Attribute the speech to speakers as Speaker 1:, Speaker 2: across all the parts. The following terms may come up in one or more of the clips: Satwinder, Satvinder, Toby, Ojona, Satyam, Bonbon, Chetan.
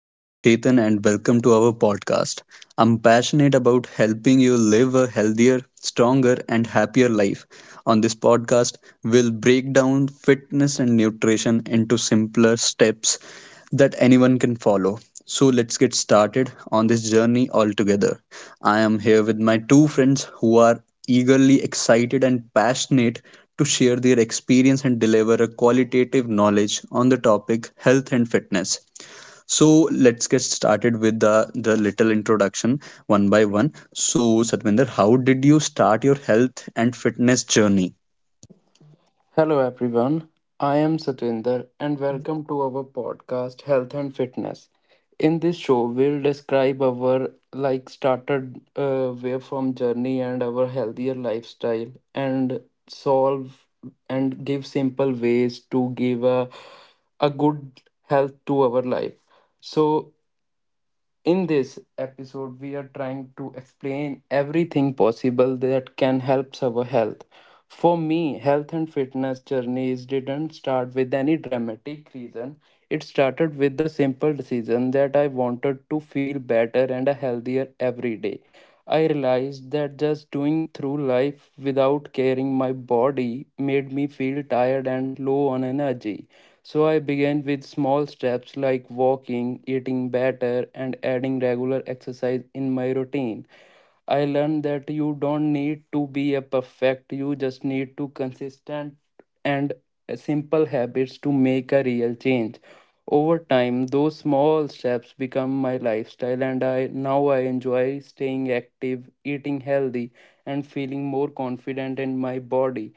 Speaker 1: I'm Chetan, and welcome to our podcast. I'm passionate about helping you live a healthier, stronger, and happier life. On this podcast, we'll break down fitness and nutrition into simpler steps that anyone can follow. So, let's get started on this journey all together. I am here with my two friends who are eagerly excited and passionate to share their experience and deliver a qualitative knowledge on the topic health and fitness. So let's get started with the little introduction one by one. So Satvinder, how did you start your health and fitness journey?
Speaker 2: Hello everyone, I am Satwinder and welcome to our podcast Health and Fitness. In this show, we'll describe our like started way from journey and our healthier lifestyle and solve and give simple ways to give a good health to our life. So in this episode, we are trying to explain everything possible that can help our health. For me, health and fitness journeys didn't start with any dramatic reason. It started with the simple decision that I wanted to feel better and healthier every day. I realized that just doing through life without caring my body made me feel tired and low on energy. So I began with small steps like walking, eating better, and adding regular exercise in my routine. I learned that you don't need to be a perfect, you just need to consistent and simple habits to make a real change. Over time, those small steps become my lifestyle and I now I enjoy staying active, eating healthy, and feeling more confident in my body.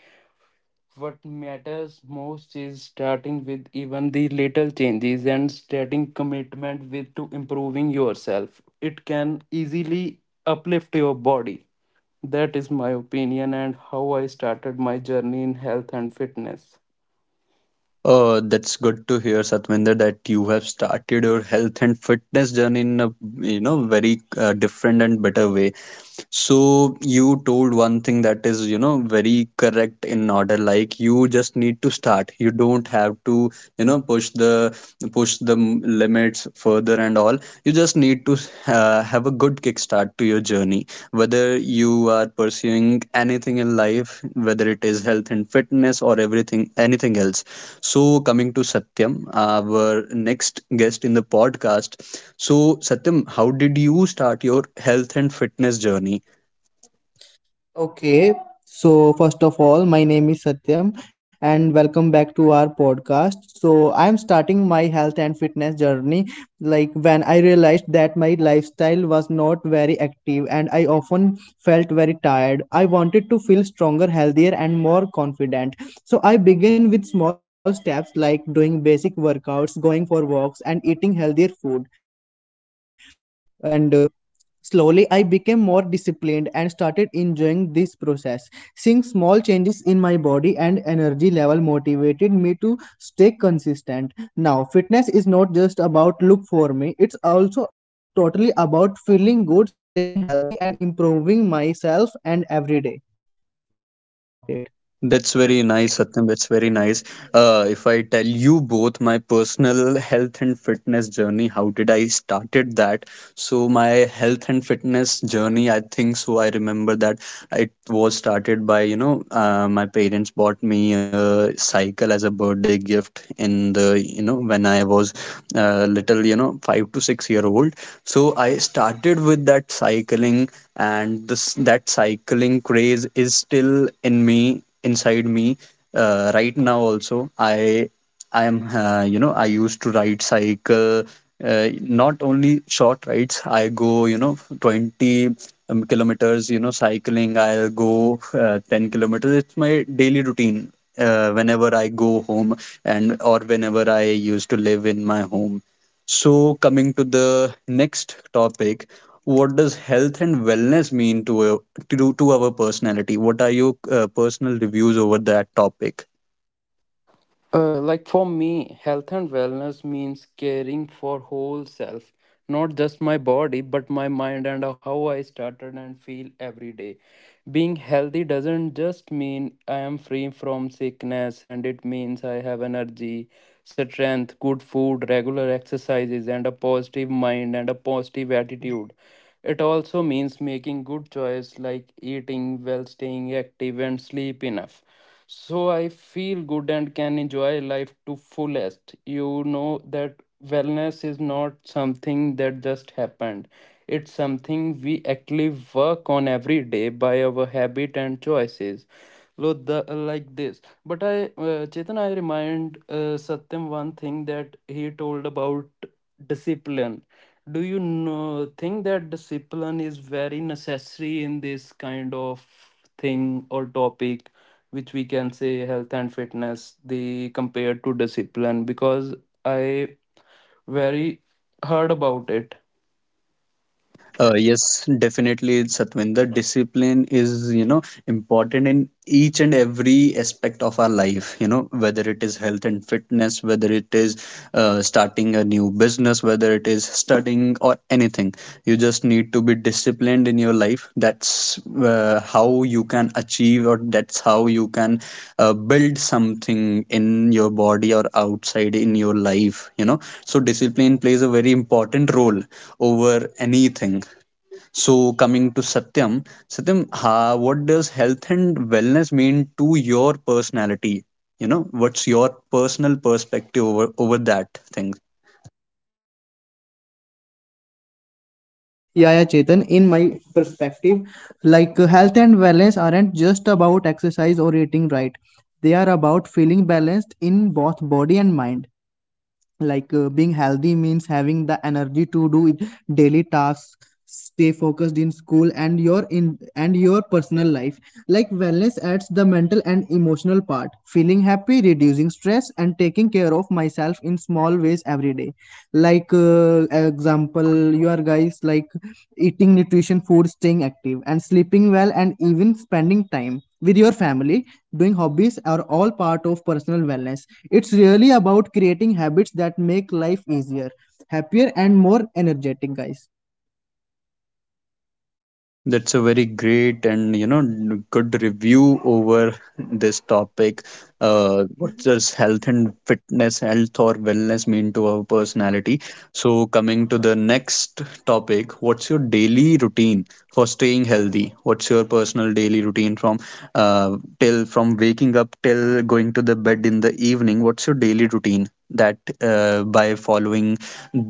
Speaker 2: What matters most is starting with even the little changes and starting commitment with to improving yourself. It can easily uplift your body. That is my opinion and how I started my journey in health and fitness.
Speaker 1: Oh, that's good to hear, Satvinder, that you have started your health and fitness journey in a very different and better way. So you told one thing that is, you know, very correct in order. Like you just need to start. You don't have to, you know, push the limits further and all. You just need to have a good kickstart to your journey. Whether you are pursuing anything in life, whether it is health and fitness or everything, anything else. So coming to Satyam, our next guest in the podcast. So Satyam, how did you start your health and fitness journey?
Speaker 3: Okay, so first of all, my name is Satyam and welcome back to our podcast. So, I am starting my health and fitness journey like when I realized that my lifestyle was not very active and I often felt very tired. I wanted to feel stronger, healthier, and more confident. So, I began with small steps like doing basic workouts, going for walks, and eating healthier food. And Slowly, I became more disciplined and started enjoying this process. Seeing small changes in my body and energy level motivated me to stay consistent. Now, fitness is not just about look for me, it's also totally about feeling good, staying healthy, and improving myself and every day. That's all about it.
Speaker 1: That's very nice, Satyam. That's very nice. If I tell you both my personal health and fitness journey, how did I started that? So my health and fitness journey, I think so. I remember that it was started by my parents bought me a cycle as a birthday gift in the when I was little, you know, 5 to 6 year old. So I started with that cycling, and this that cycling craze is still in me, inside me, right now also. I am I used to ride cycle, not only short rides. I go, you know, 20 kilometers, you know, cycling. I'll go 10 kilometers. It's my daily routine. Whenever I go home and or whenever I used to live in my home. So, coming to the next topic, what does health and wellness mean to to our personality? What are your personal reviews over that topic?
Speaker 2: Like for me, health and wellness means caring for whole self, not just my body, but my mind and how I started and feel every day. Being healthy doesn't just mean I am free from sickness, and it means I have energy, strength, good food, regular exercises, and a positive mind and a positive attitude. It also means making good choice like eating well, staying active, and sleep enough. So I feel good and can enjoy life to fullest. You know that wellness is not something that just happened. It's something we actually work on every day by our habit and choices. So like this. But Chetan, I remind Satyam one thing that he told about discipline. Do you know, think that discipline is very necessary in this kind of thing or topic? Which we can say health and fitness they compared to discipline because I very heard about it.
Speaker 1: Yes, definitely, Satwinder. Discipline is, you know, important in each and every aspect of our life, you know, whether it is health and fitness, whether it is starting a new business, whether it is studying or anything, you just need to be disciplined in your life. That's how you can achieve, or that's how you can build something in your body or outside in your life, you know. So discipline plays a very important role over anything. So, coming to Satyam, Satyam, ha, what does health and wellness mean to your personality? You know, what's your personal perspective over, over that thing?
Speaker 3: Yeah, yeah, Chetan, in my perspective, health and wellness aren't just about exercise or eating right. They are about feeling balanced in both body and mind. Being healthy means having the energy to daily tasks, stay focused in school and your in and your personal life. Like wellness adds the mental and emotional part, feeling happy, reducing stress, and taking care of myself in small ways every day. like uh, example you are guys, like eating nutrition food, staying active, and sleeping well, and even spending time with your family doing hobbies are all part of personal wellness. It's really about creating habits that make life easier, happier, and more energetic, guys.
Speaker 1: That's a very great and, you know, good review over this topic. What does health and fitness, health or wellness mean to our personality? So, coming to the next topic, what's your daily routine for staying healthy? What's your personal daily routine from till from waking up till going to the bed in the evening? What's your daily routine? That by following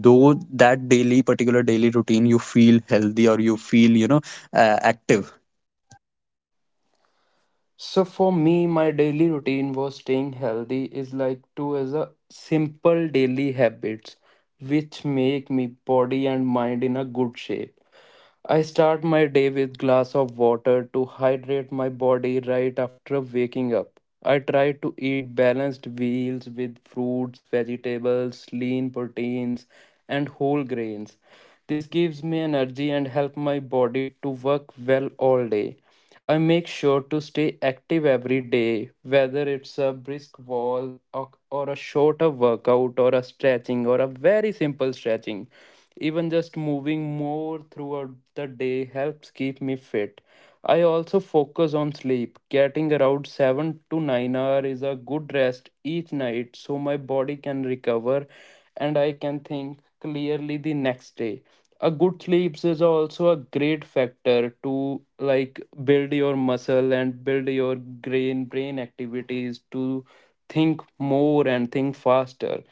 Speaker 1: though that daily particular daily routine, you feel healthy or you feel, you know, active.
Speaker 2: So for me my daily routine was staying healthy is like to as a simple daily habits which make me body and mind in a good shape. I start my day with glass of water to hydrate my body right after waking up. I try to eat balanced meals with fruits, vegetables, lean proteins, and whole grains. This gives me energy and help my body to work well all day. I make sure to stay active every day, whether it's a brisk wall or a shorter workout or a stretching or a very simple stretching. Even just moving more throughout the day helps keep me fit. I also focus on sleep. Getting around 7 to 9 hours is a good rest each night so my body can recover and I can think clearly the next day. A good sleeps is also a great factor to like build your muscle and build your brain activities to think more and think faster.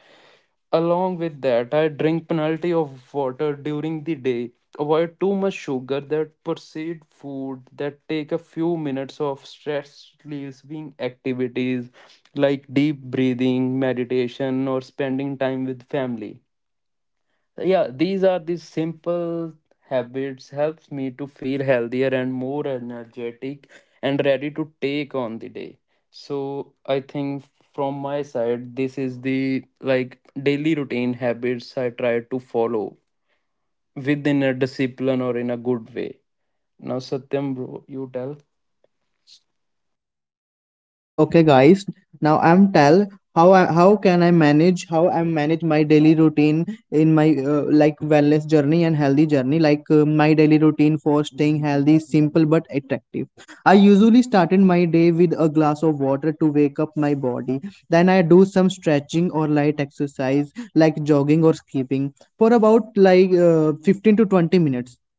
Speaker 2: Along with that I drink plenty of water during the day, avoid too much sugar that proceed food, that take a few minutes of stress relieving activities like deep breathing meditation or spending time with family. Yeah, these are the simple habits helps me to feel healthier and more energetic and ready to take on the day. So I think from my side this is the like daily routine habits I try to follow within a discipline or in a good way. Now Satyam bro you tell.
Speaker 3: Okay, guys. Now I'm tell how I, how can I manage how I manage my daily routine in my like wellness journey and healthy journey. My daily routine for staying healthy is simple but attractive. I usually started my day with a glass of water to wake up my body. Then I do some stretching or light exercise like jogging or skipping for about 15 to 20 minutes.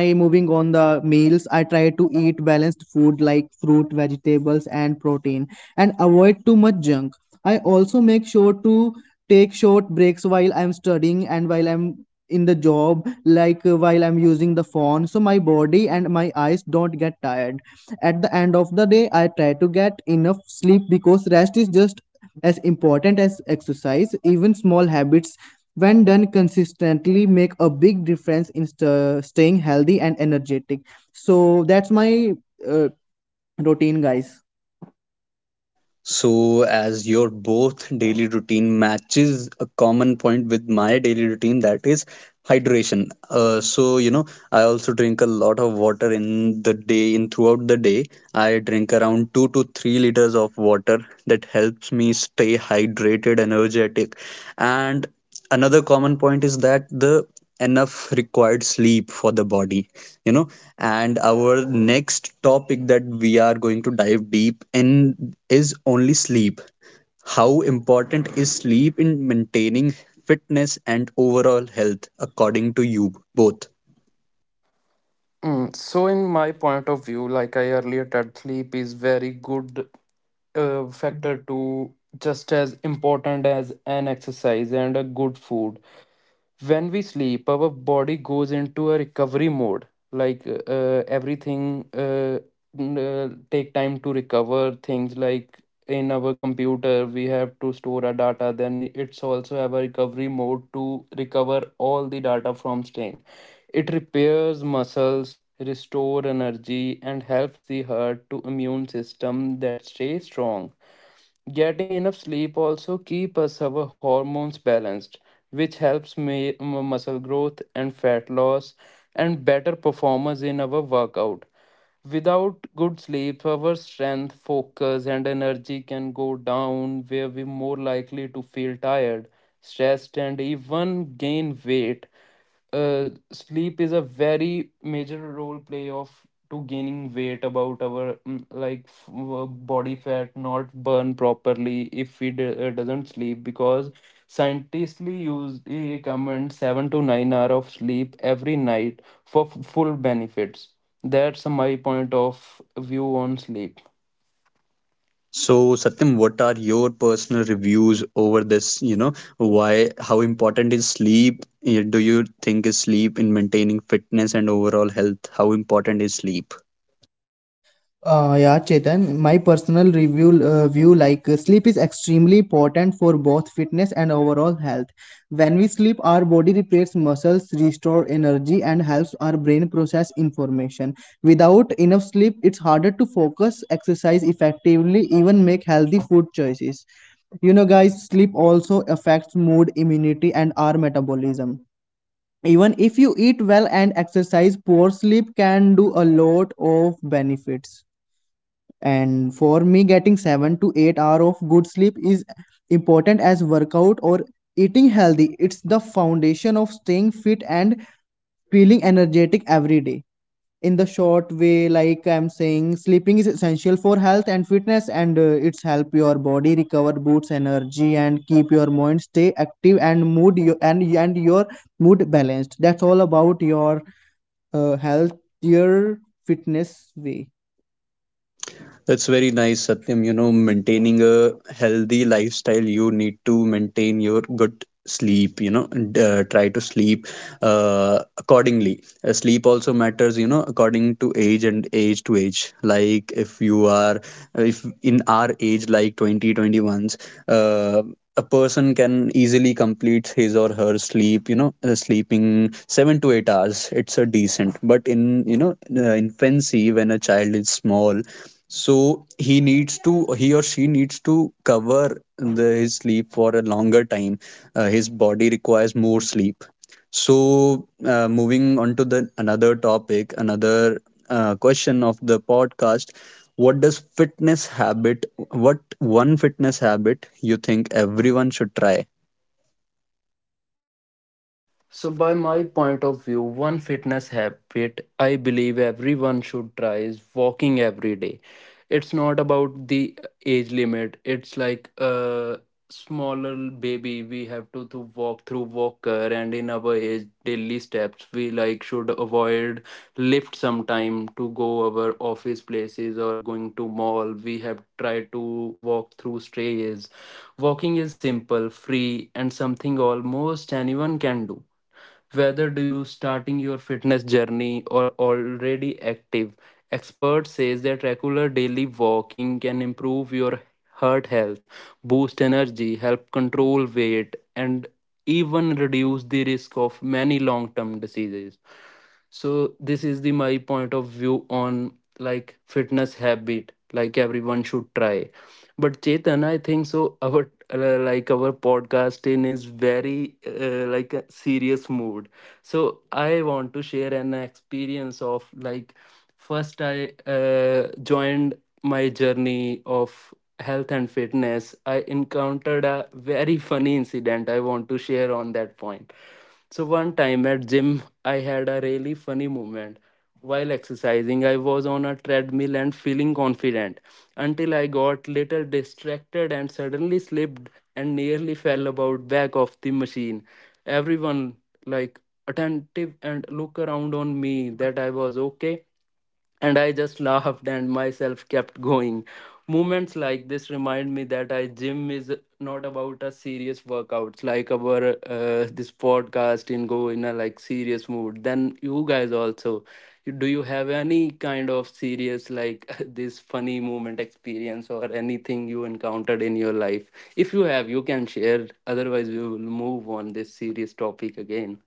Speaker 3: When I moving on the meals, I try to eat balanced food like fruit, vegetables, and protein, and avoid too much junk. I also make sure to take short breaks while I'm studying and while I'm in the job, while I'm using the phone, so my body and my eyes don't get tired. At the end of the day, I try to get enough sleep because rest is just as important as exercise. Even small habits, when done consistently, make a big difference in staying healthy and energetic. So that's my uh, routine, guys.
Speaker 1: So, as your both daily routine matches a common point with my daily routine, that is hydration. So, you know, I also drink a lot of water in the day, in throughout the day. I drink around 2 to 3 liters of water that helps me stay hydrated, energetic. And another common point is that the enough required sleep for the body, you know. And our next topic that we are going to dive deep in is only sleep. How important is sleep in maintaining fitness and overall health, according to you both?
Speaker 2: Mm, so in my point of view, like I earlier said, sleep is very good factor to just as important as an exercise and a good food. When we sleep our body goes into a recovery mode, like uh, uh, everything uh, take time to recover things like in our computer we have to store our data then it's also have a recovery mode to recover all the data from strain. It repairs muscles, restore energy and helps the heart to immune system that stay strong. Getting enough sleep also keep us our hormones balanced, which helps me, muscle growth and fat loss and better performance in our workout. Without good sleep, our strength, focus, and energy can go down, where we're more likely to feel tired, stressed, and even gain weight. Sleep is a very major role play of to gaining weight about our body fat not burn properly if we doesn't sleep because scientifically use they recommend 7 to 9 hour of sleep every night for full benefits. That's my point of view on sleep.
Speaker 1: So, Satyam, what are your personal reviews over this? You know, why, how important is sleep? Eh, do you think is sleep in maintaining fitness and overall health? How important is sleep?
Speaker 3: Yeah, Chetan, my personal review view, sleep is extremely important for both fitness and overall health. When we sleep, our body repairs muscles, restore energy, and helps our brain process information. Without enough sleep, it's harder to focus, exercise effectively, even make healthy food choices. You know, guys, sleep also affects mood, immunity, and our metabolism. Even if you eat well and exercise, poor sleep can do a lot of benefits. And for me, getting 7 to 8 hour of good sleep is important as workout or eating healthy. It's the foundation of staying fit and feeling energetic every day. In the short way, like I'm saying, sleeping is essential for health and fitness, and it's help your body recover, boosts energy, and keep your mind stay active and mood your, and your mood balanced. That's all about your healthier fitness way.
Speaker 1: That's very nice, Satyam. You know, maintaining a healthy lifestyle, you need to maintain your good sleep, you know, and try to sleep accordingly. Sleep also matters, you know, according to age and age to age. Like if you are, if in our age, like twenty twenty ones, uh, a person can easily complete his or her sleep, you know, sleeping 7 to 8 hours. It's a decent. But in, you know, infancy, when a child is small, so he or she needs to cover his sleep for a longer time. His body requires more sleep. So, moving on to the another topic, another question of the podcast, what does fitness habit, what one fitness habit you think everyone should try?
Speaker 2: So, by my point of view, one fitness habit I believe everyone should try is walking every day. It's not about the age limit, it's like a smaller baby. We have to walk through walker, and in our age daily steps, we like should avoid lift sometime to go our office places or going to mall. We have tried to walk through strays. Walking is simple, free, and something almost anyone can do whether do you starting your fitness journey or already active, expert says that regular daily walking can improve your heart health, boost energy, help control weight, and even reduce the risk of many long-term diseases. So this is the my point of view on like fitness habit like everyone should try. But Chetan I think so our like our podcast in is very like a serious mood. So I want to share an experience of like first I joined my journey of health and fitness, I encountered a very funny incident I want to share on that point. So one time at gym I had a really funny moment. While exercising, I was on a treadmill and feeling confident until I got little distracted and suddenly slipped and nearly fell about back of the machine. Everyone like attentive and look around on me that I was okay and I just laughed and myself kept going. Moments like this remind me that I gym is not about a serious workouts like our this podcast in go in a like serious mood. Then you guys also, do you have any kind of serious like this funny moment experience or anything you encountered in your life? If you have, you can share. Otherwise, we will move on this serious topic again.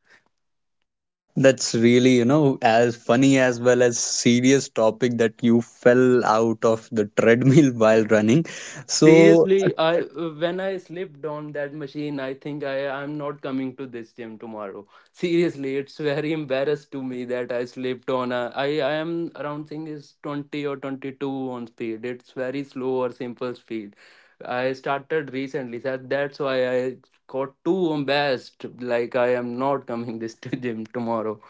Speaker 1: That's really, you know, as funny as well as serious topic that you fell out of the treadmill while running. So,
Speaker 2: Seriously, I when I slipped on that machine, I think I'm not coming to this gym tomorrow. Seriously, it's very embarrassed to me that I slipped on. A, I am around thing is 20 or 22 on speed. It's very slow or simple speed. I started recently, so that's why I got too embarrassed. Like I am not coming this to gym tomorrow.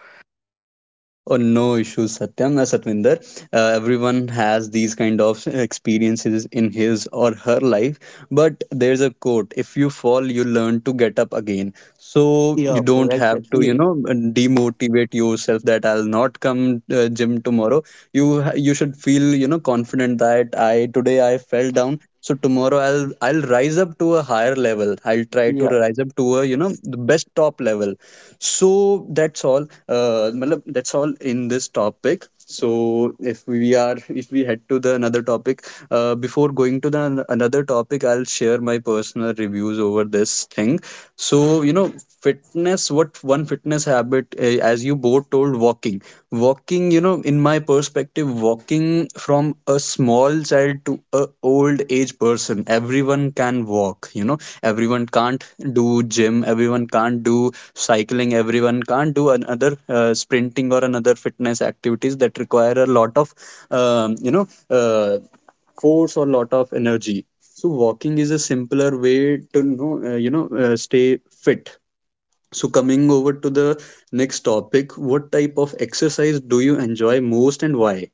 Speaker 1: oh, no issues, Satyam. Satvinder, everyone has these kind of experiences in his or her life, but there's a quote, if you fall, you learn to get up again. So you
Speaker 2: Yeah, bro.
Speaker 1: don't have to, you
Speaker 2: Exactly.
Speaker 1: know, demotivate yourself that I'll not come gym tomorrow. You should feel, you know, confident that I today I fell down. So tomorrow I'll rise up to a higher level. I'll try to
Speaker 2: Yeah.
Speaker 1: rise up to a, you know, the best top level. So that's all. Matlab, that's all in this topic. So if we head to the another topic, before going to the another topic, I'll share my personal reviews over this thing. So, you know, fitness. What one fitness habit, as you both told, walking. Walking, you know, in my perspective, walking from a small child to a old age person, everyone can walk, you know, everyone can't do gym, everyone can't do cycling, everyone can't do another sprinting or another fitness activities that require a lot of, you know, force or lot of energy. So walking is a simpler way to know, you know, stay fit. So, coming over to the next topic, what type of exercise do you enjoy most and why?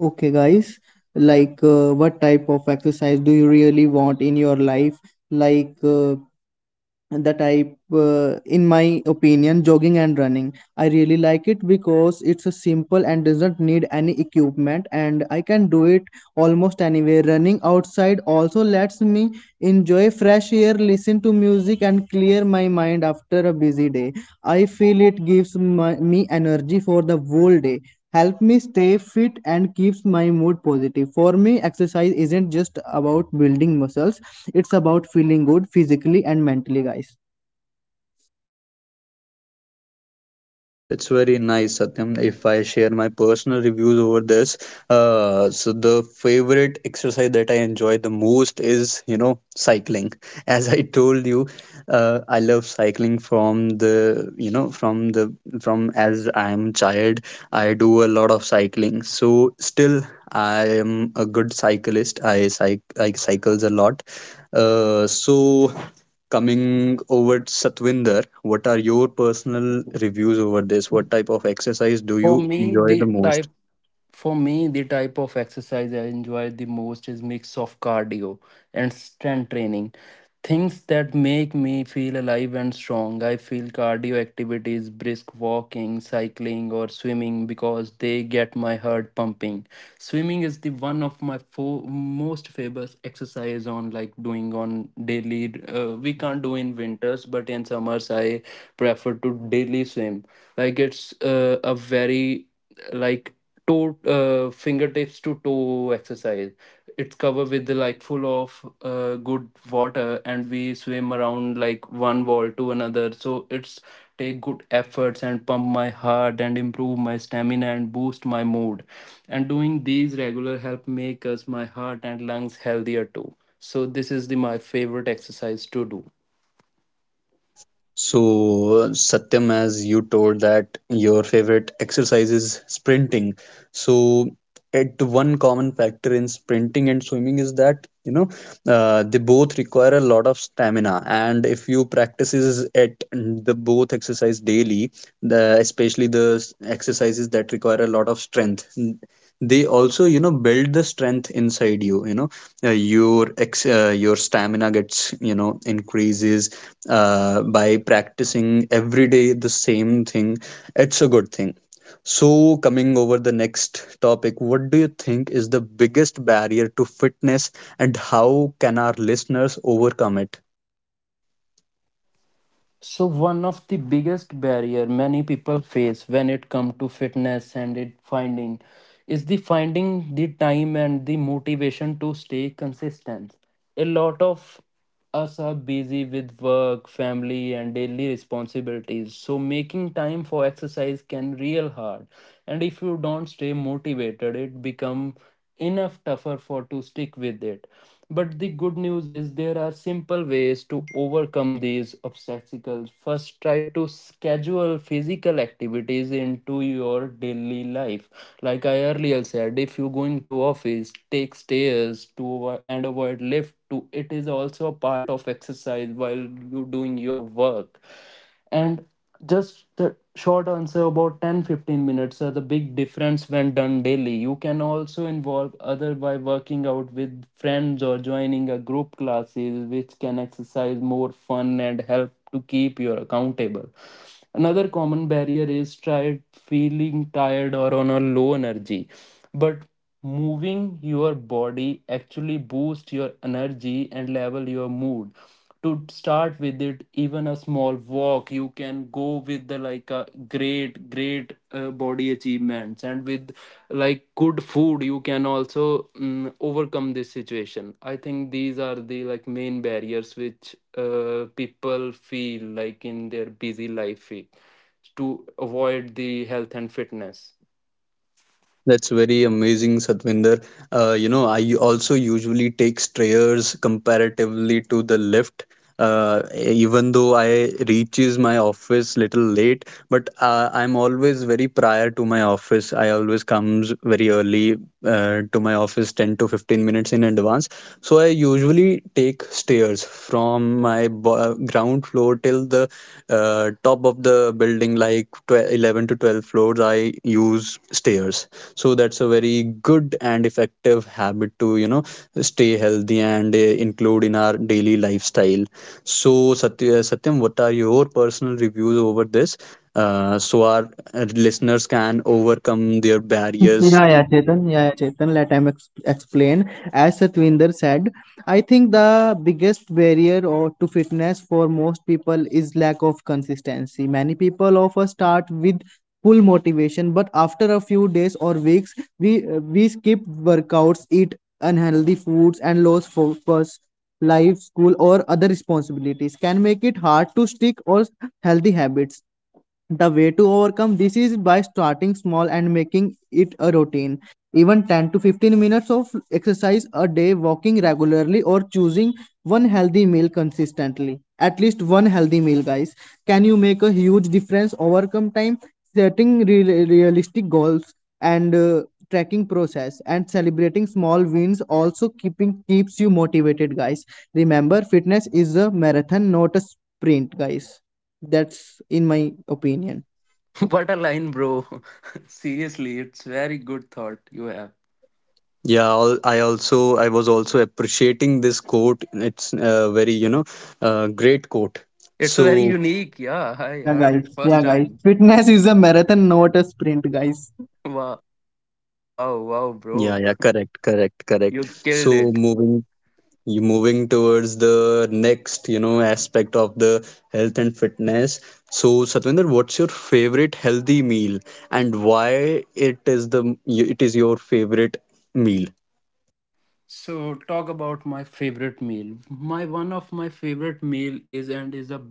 Speaker 3: Okay, guys, what type of exercise do you really want in your life? Like the type in my opinion, jogging and running I really like it because it's a simple and doesn't need any equipment, and I can do it almost anywhere. Running outside also lets me enjoy fresh air, listen to music, and clear my mind after a busy day. I feel it gives me energy for the whole day, help me stay fit, and keeps my mood positive. For me, exercise isn't just about building muscles, it's about feeling good physically and mentally, guys.
Speaker 1: That's very nice, Satyam. If I share my personal reviews over this, so the favorite exercise that I enjoy the most is, you know, cycling. As I told you, I love cycling from the, you know, from as I'm child, I do a lot of cycling. So still, I am a good cyclist. I cycles a lot. So, coming over to Satwinder, what are your personal reviews over this? What type of exercise do
Speaker 2: For
Speaker 1: you
Speaker 2: me,
Speaker 1: enjoy the
Speaker 2: the
Speaker 1: most?
Speaker 2: type For me, the type of exercise I enjoy the most is mix of cardio and strength training. Things that make me feel alive and strong. I feel cardio activities, brisk walking, cycling or swimming because they get my heart pumping. Swimming is the one of my most famous exercise on like doing on daily we can't do in winters but in summers I prefer to daily swim. Like it's a very like toe fingertips to toe exercise, it's covered with like full of good water and we swim around like one wall to another so it's take good efforts and pump my heart and improve my stamina and boost my mood and doing these regular help make us my heart and lungs healthier too. So this is the my favorite exercise to do.
Speaker 1: So, Satyam, as you told that your favorite exercise is sprinting. So, at one common factor in sprinting and swimming is that, you know, they both require a lot of stamina. And if you practices at the both exercise daily, the especially the exercises that require a lot of strength. They also, you know, build the strength inside you. You know, your stamina gets, you know, increases by practicing every day the same thing, it's a good thing. So, coming over the next topic, what do you think is the biggest barrier to fitness and how can our listeners overcome it?
Speaker 2: So one of the biggest barrier many people face when it come to fitness and it finding is the finding the time and the motivation to stay consistent. A lot of us are busy with work, family and daily responsibilities. So making time for exercise can real hard. And if you don't stay motivated, it become enough tougher for to stick with it. But the good news is there are simple ways to overcome these obstacles. First try to schedule physical activities into your daily life, like I earlier said if you going to office take stairs to and avoid lift to it is also a part of exercise while you doing your work. And just the short answer about 10, 15 minutes are the big difference when done daily. You can also involve other by working out with friends or joining a group classes which can exercise more fun and help to keep you accountable. Another common barrier is tired feeling tired or on a low energy, but moving your body actually boosts your energy and level your mood. To start with it even a small walk you can go with the like a great body achievements and with like good food you can also overcome this situation. I think these are the like main barriers which people feel like in their busy life feel to avoid the health and fitness.
Speaker 1: That's very amazing, Satvinder. You know, I also usually take stairs comparatively to the lift. Even though I reaches my office little late, but I'm always very prior to my office. I always comes very early to my office, 10 to 15 minutes in advance. So I usually take stairs from my ground floor till the top of the building, like 11 to 12 floors. I use stairs. So that's a very good and effective habit to, you know, stay healthy and include in our daily lifestyle. So Satyam, what are your personal reviews over this, so our listeners can overcome their barriers?
Speaker 3: Yeah, yeah, Chetan. Yeah, yeah, Chetan. Let him explain. As Satwinder said, I think the biggest barrier or to fitness for most people is lack of consistency. Many people often start with full motivation, but after a few days or weeks, we skip workouts, eat unhealthy foods, and lose focus. Life, school, or other responsibilities can make it hard to stick or healthy habits. The way to overcome this is by starting small and making it a routine. Even 10 to 15 minutes of exercise a day, walking regularly, or choosing one healthy meal consistently. At least one healthy meal, guys. Can you make a huge difference? Overcome time, setting realistic goals, and tracking process and celebrating small wins, also keeping keeps you motivated, guys. Remember, fitness is a marathon, not a sprint, guys. That's in my opinion.
Speaker 2: What a line bro. Seriously it's very good thought you have.
Speaker 1: Yeah, I also, I was also appreciating this quote. It's a very, you know, great quote.
Speaker 2: It's
Speaker 1: So,
Speaker 2: very unique, yeah I
Speaker 3: Yeah,
Speaker 2: heard
Speaker 3: guys.
Speaker 2: it first
Speaker 3: Yeah, guys.
Speaker 2: time.
Speaker 3: Fitness is a marathon, not a sprint, guys.
Speaker 2: Wow. Oh, wow, wow,
Speaker 1: yeah, yeah,
Speaker 2: bro.
Speaker 1: correct, correct, correct.
Speaker 2: You
Speaker 1: So
Speaker 2: killed it.
Speaker 1: moving, you moving towards the next, you know, aspect of the health and fitness. So Satvinder, what's your favorite healthy meal and why it is the it is your favorite meal?
Speaker 2: So talk about my favorite meal. My one of my favorite meal is and is a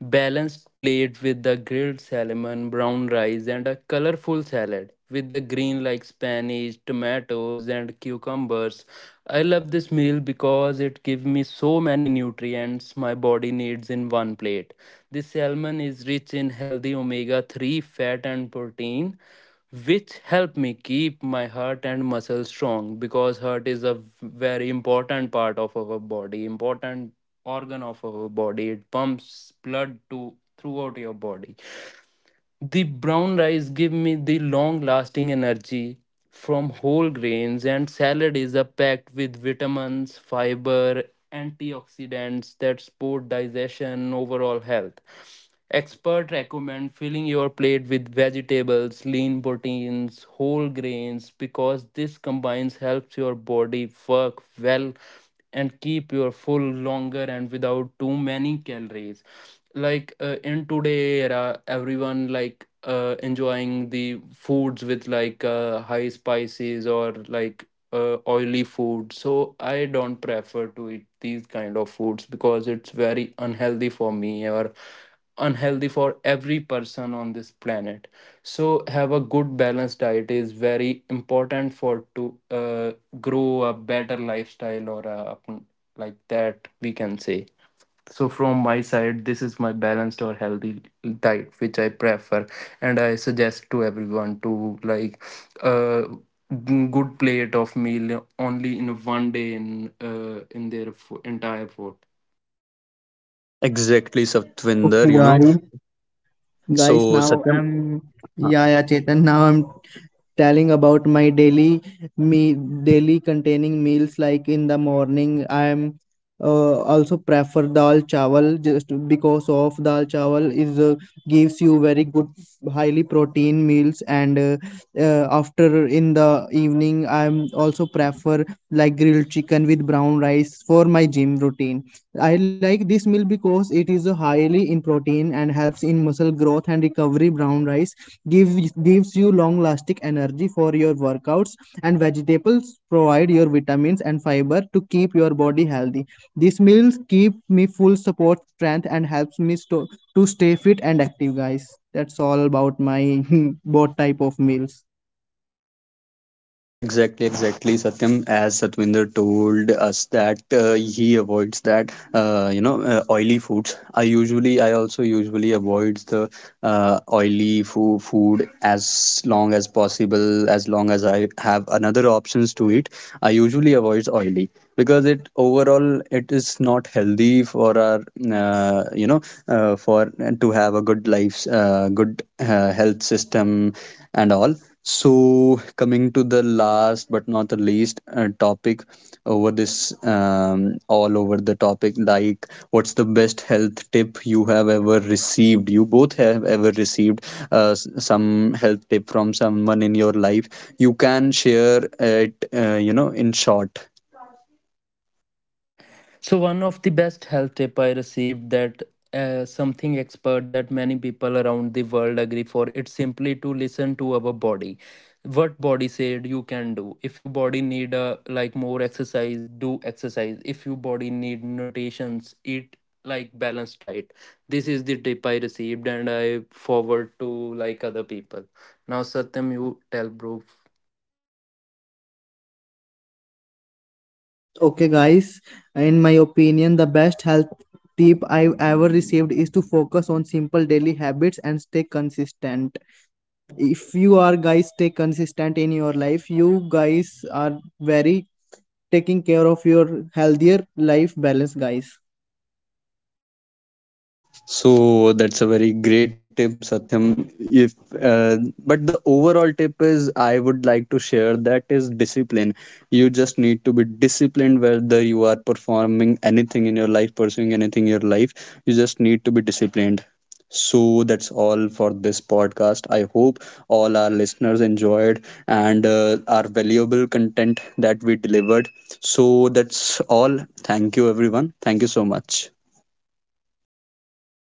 Speaker 2: balanced plate with the grilled salmon, brown rice and a colorful salad with the green like spinach, tomatoes and cucumbers. I love this meal because it gives me so many nutrients my body needs in one plate. This salmon is rich in healthy omega 3 fat and protein which help me keep my heart and muscles strong because heart is a very important part of our body, important organ of our body, it pumps blood to throughout your body. The brown rice give me the long lasting energy from whole grains and salad is a packed with vitamins, fiber, antioxidants that support digestion overall health. Experts recommend filling your plate with vegetables, lean proteins, whole grains because this combines helps your body work well and keep your full longer and without too many calories. Like in today era, everyone like enjoying the foods with like high spices or like oily food. So I don't prefer to eat these kind of foods because it's very unhealthy for me or unhealthy for every person on this planet. So have a good balanced diet is very important for to grow a better lifestyle or like that we can say. So from my side this is my balanced or healthy diet which I prefer and I suggest to everyone to like uh, good plate of meal only in one day in their entire food.
Speaker 1: Exactly, Satvinder, you
Speaker 3: Okay,
Speaker 1: know.
Speaker 3: guys.
Speaker 1: So
Speaker 3: Guys, now
Speaker 1: Satyam.
Speaker 3: I'm yeah, yeah, Chetan. Now I'm telling about my me daily containing meals. Like in the morning, I am also prefer dal chawal just because of dal chawal is gives you very good highly protein meals. And after in the evening, I am also prefer like grilled chicken with brown rice for my gym routine. I like this meal because it is highly in protein and helps in muscle growth and recovery. Brown rice gives you long lasting energy for your workouts, and vegetables provide your vitamins and fiber to keep your body healthy. These meals keep me full, support strength, and helps me to stay fit and active, guys. That's all about my both type of meals.
Speaker 1: Exactly, exactly, Satyam. As Satwinder told us that he avoids that, oily foods. I also usually avoid the oily food as long as possible. As long as I have another options to eat, I usually avoid oily because it overall it is not healthy for our, uh, you know, for to have a good life, good health system and all. So, coming to the last but not the least topic over this, all over the topic, like what's the best health tip you have ever received? You both have ever received some health tip from someone in your life. You can share it, you know, in short.
Speaker 2: So one of the best health tip I received that something expert that many people around the world agree for it's simply to listen to our body. What body said you can do, if your body need a like more exercise do exercise, if your body need nutritions eat like balanced diet. This is the tip I received and I forward to like other people. Now Satyam you tell bro.
Speaker 3: Okay, guys, in my opinion, the best health tip I've ever received is to focus on simple daily habits and stay consistent. If you are guys stay consistent in your life, you guys are very taking care of your healthier life balance, guys.
Speaker 1: So that's a very great tip, Satyam. If uh, but the overall tip is I would like to share that is discipline. You just need to be disciplined whether you are performing anything in your life, pursuing anything in your life. You just need to be disciplined. So that's all for this podcast. I hope all our listeners enjoyed and our valuable content that we delivered. So that's all. Thank you, everyone. Thank you so much.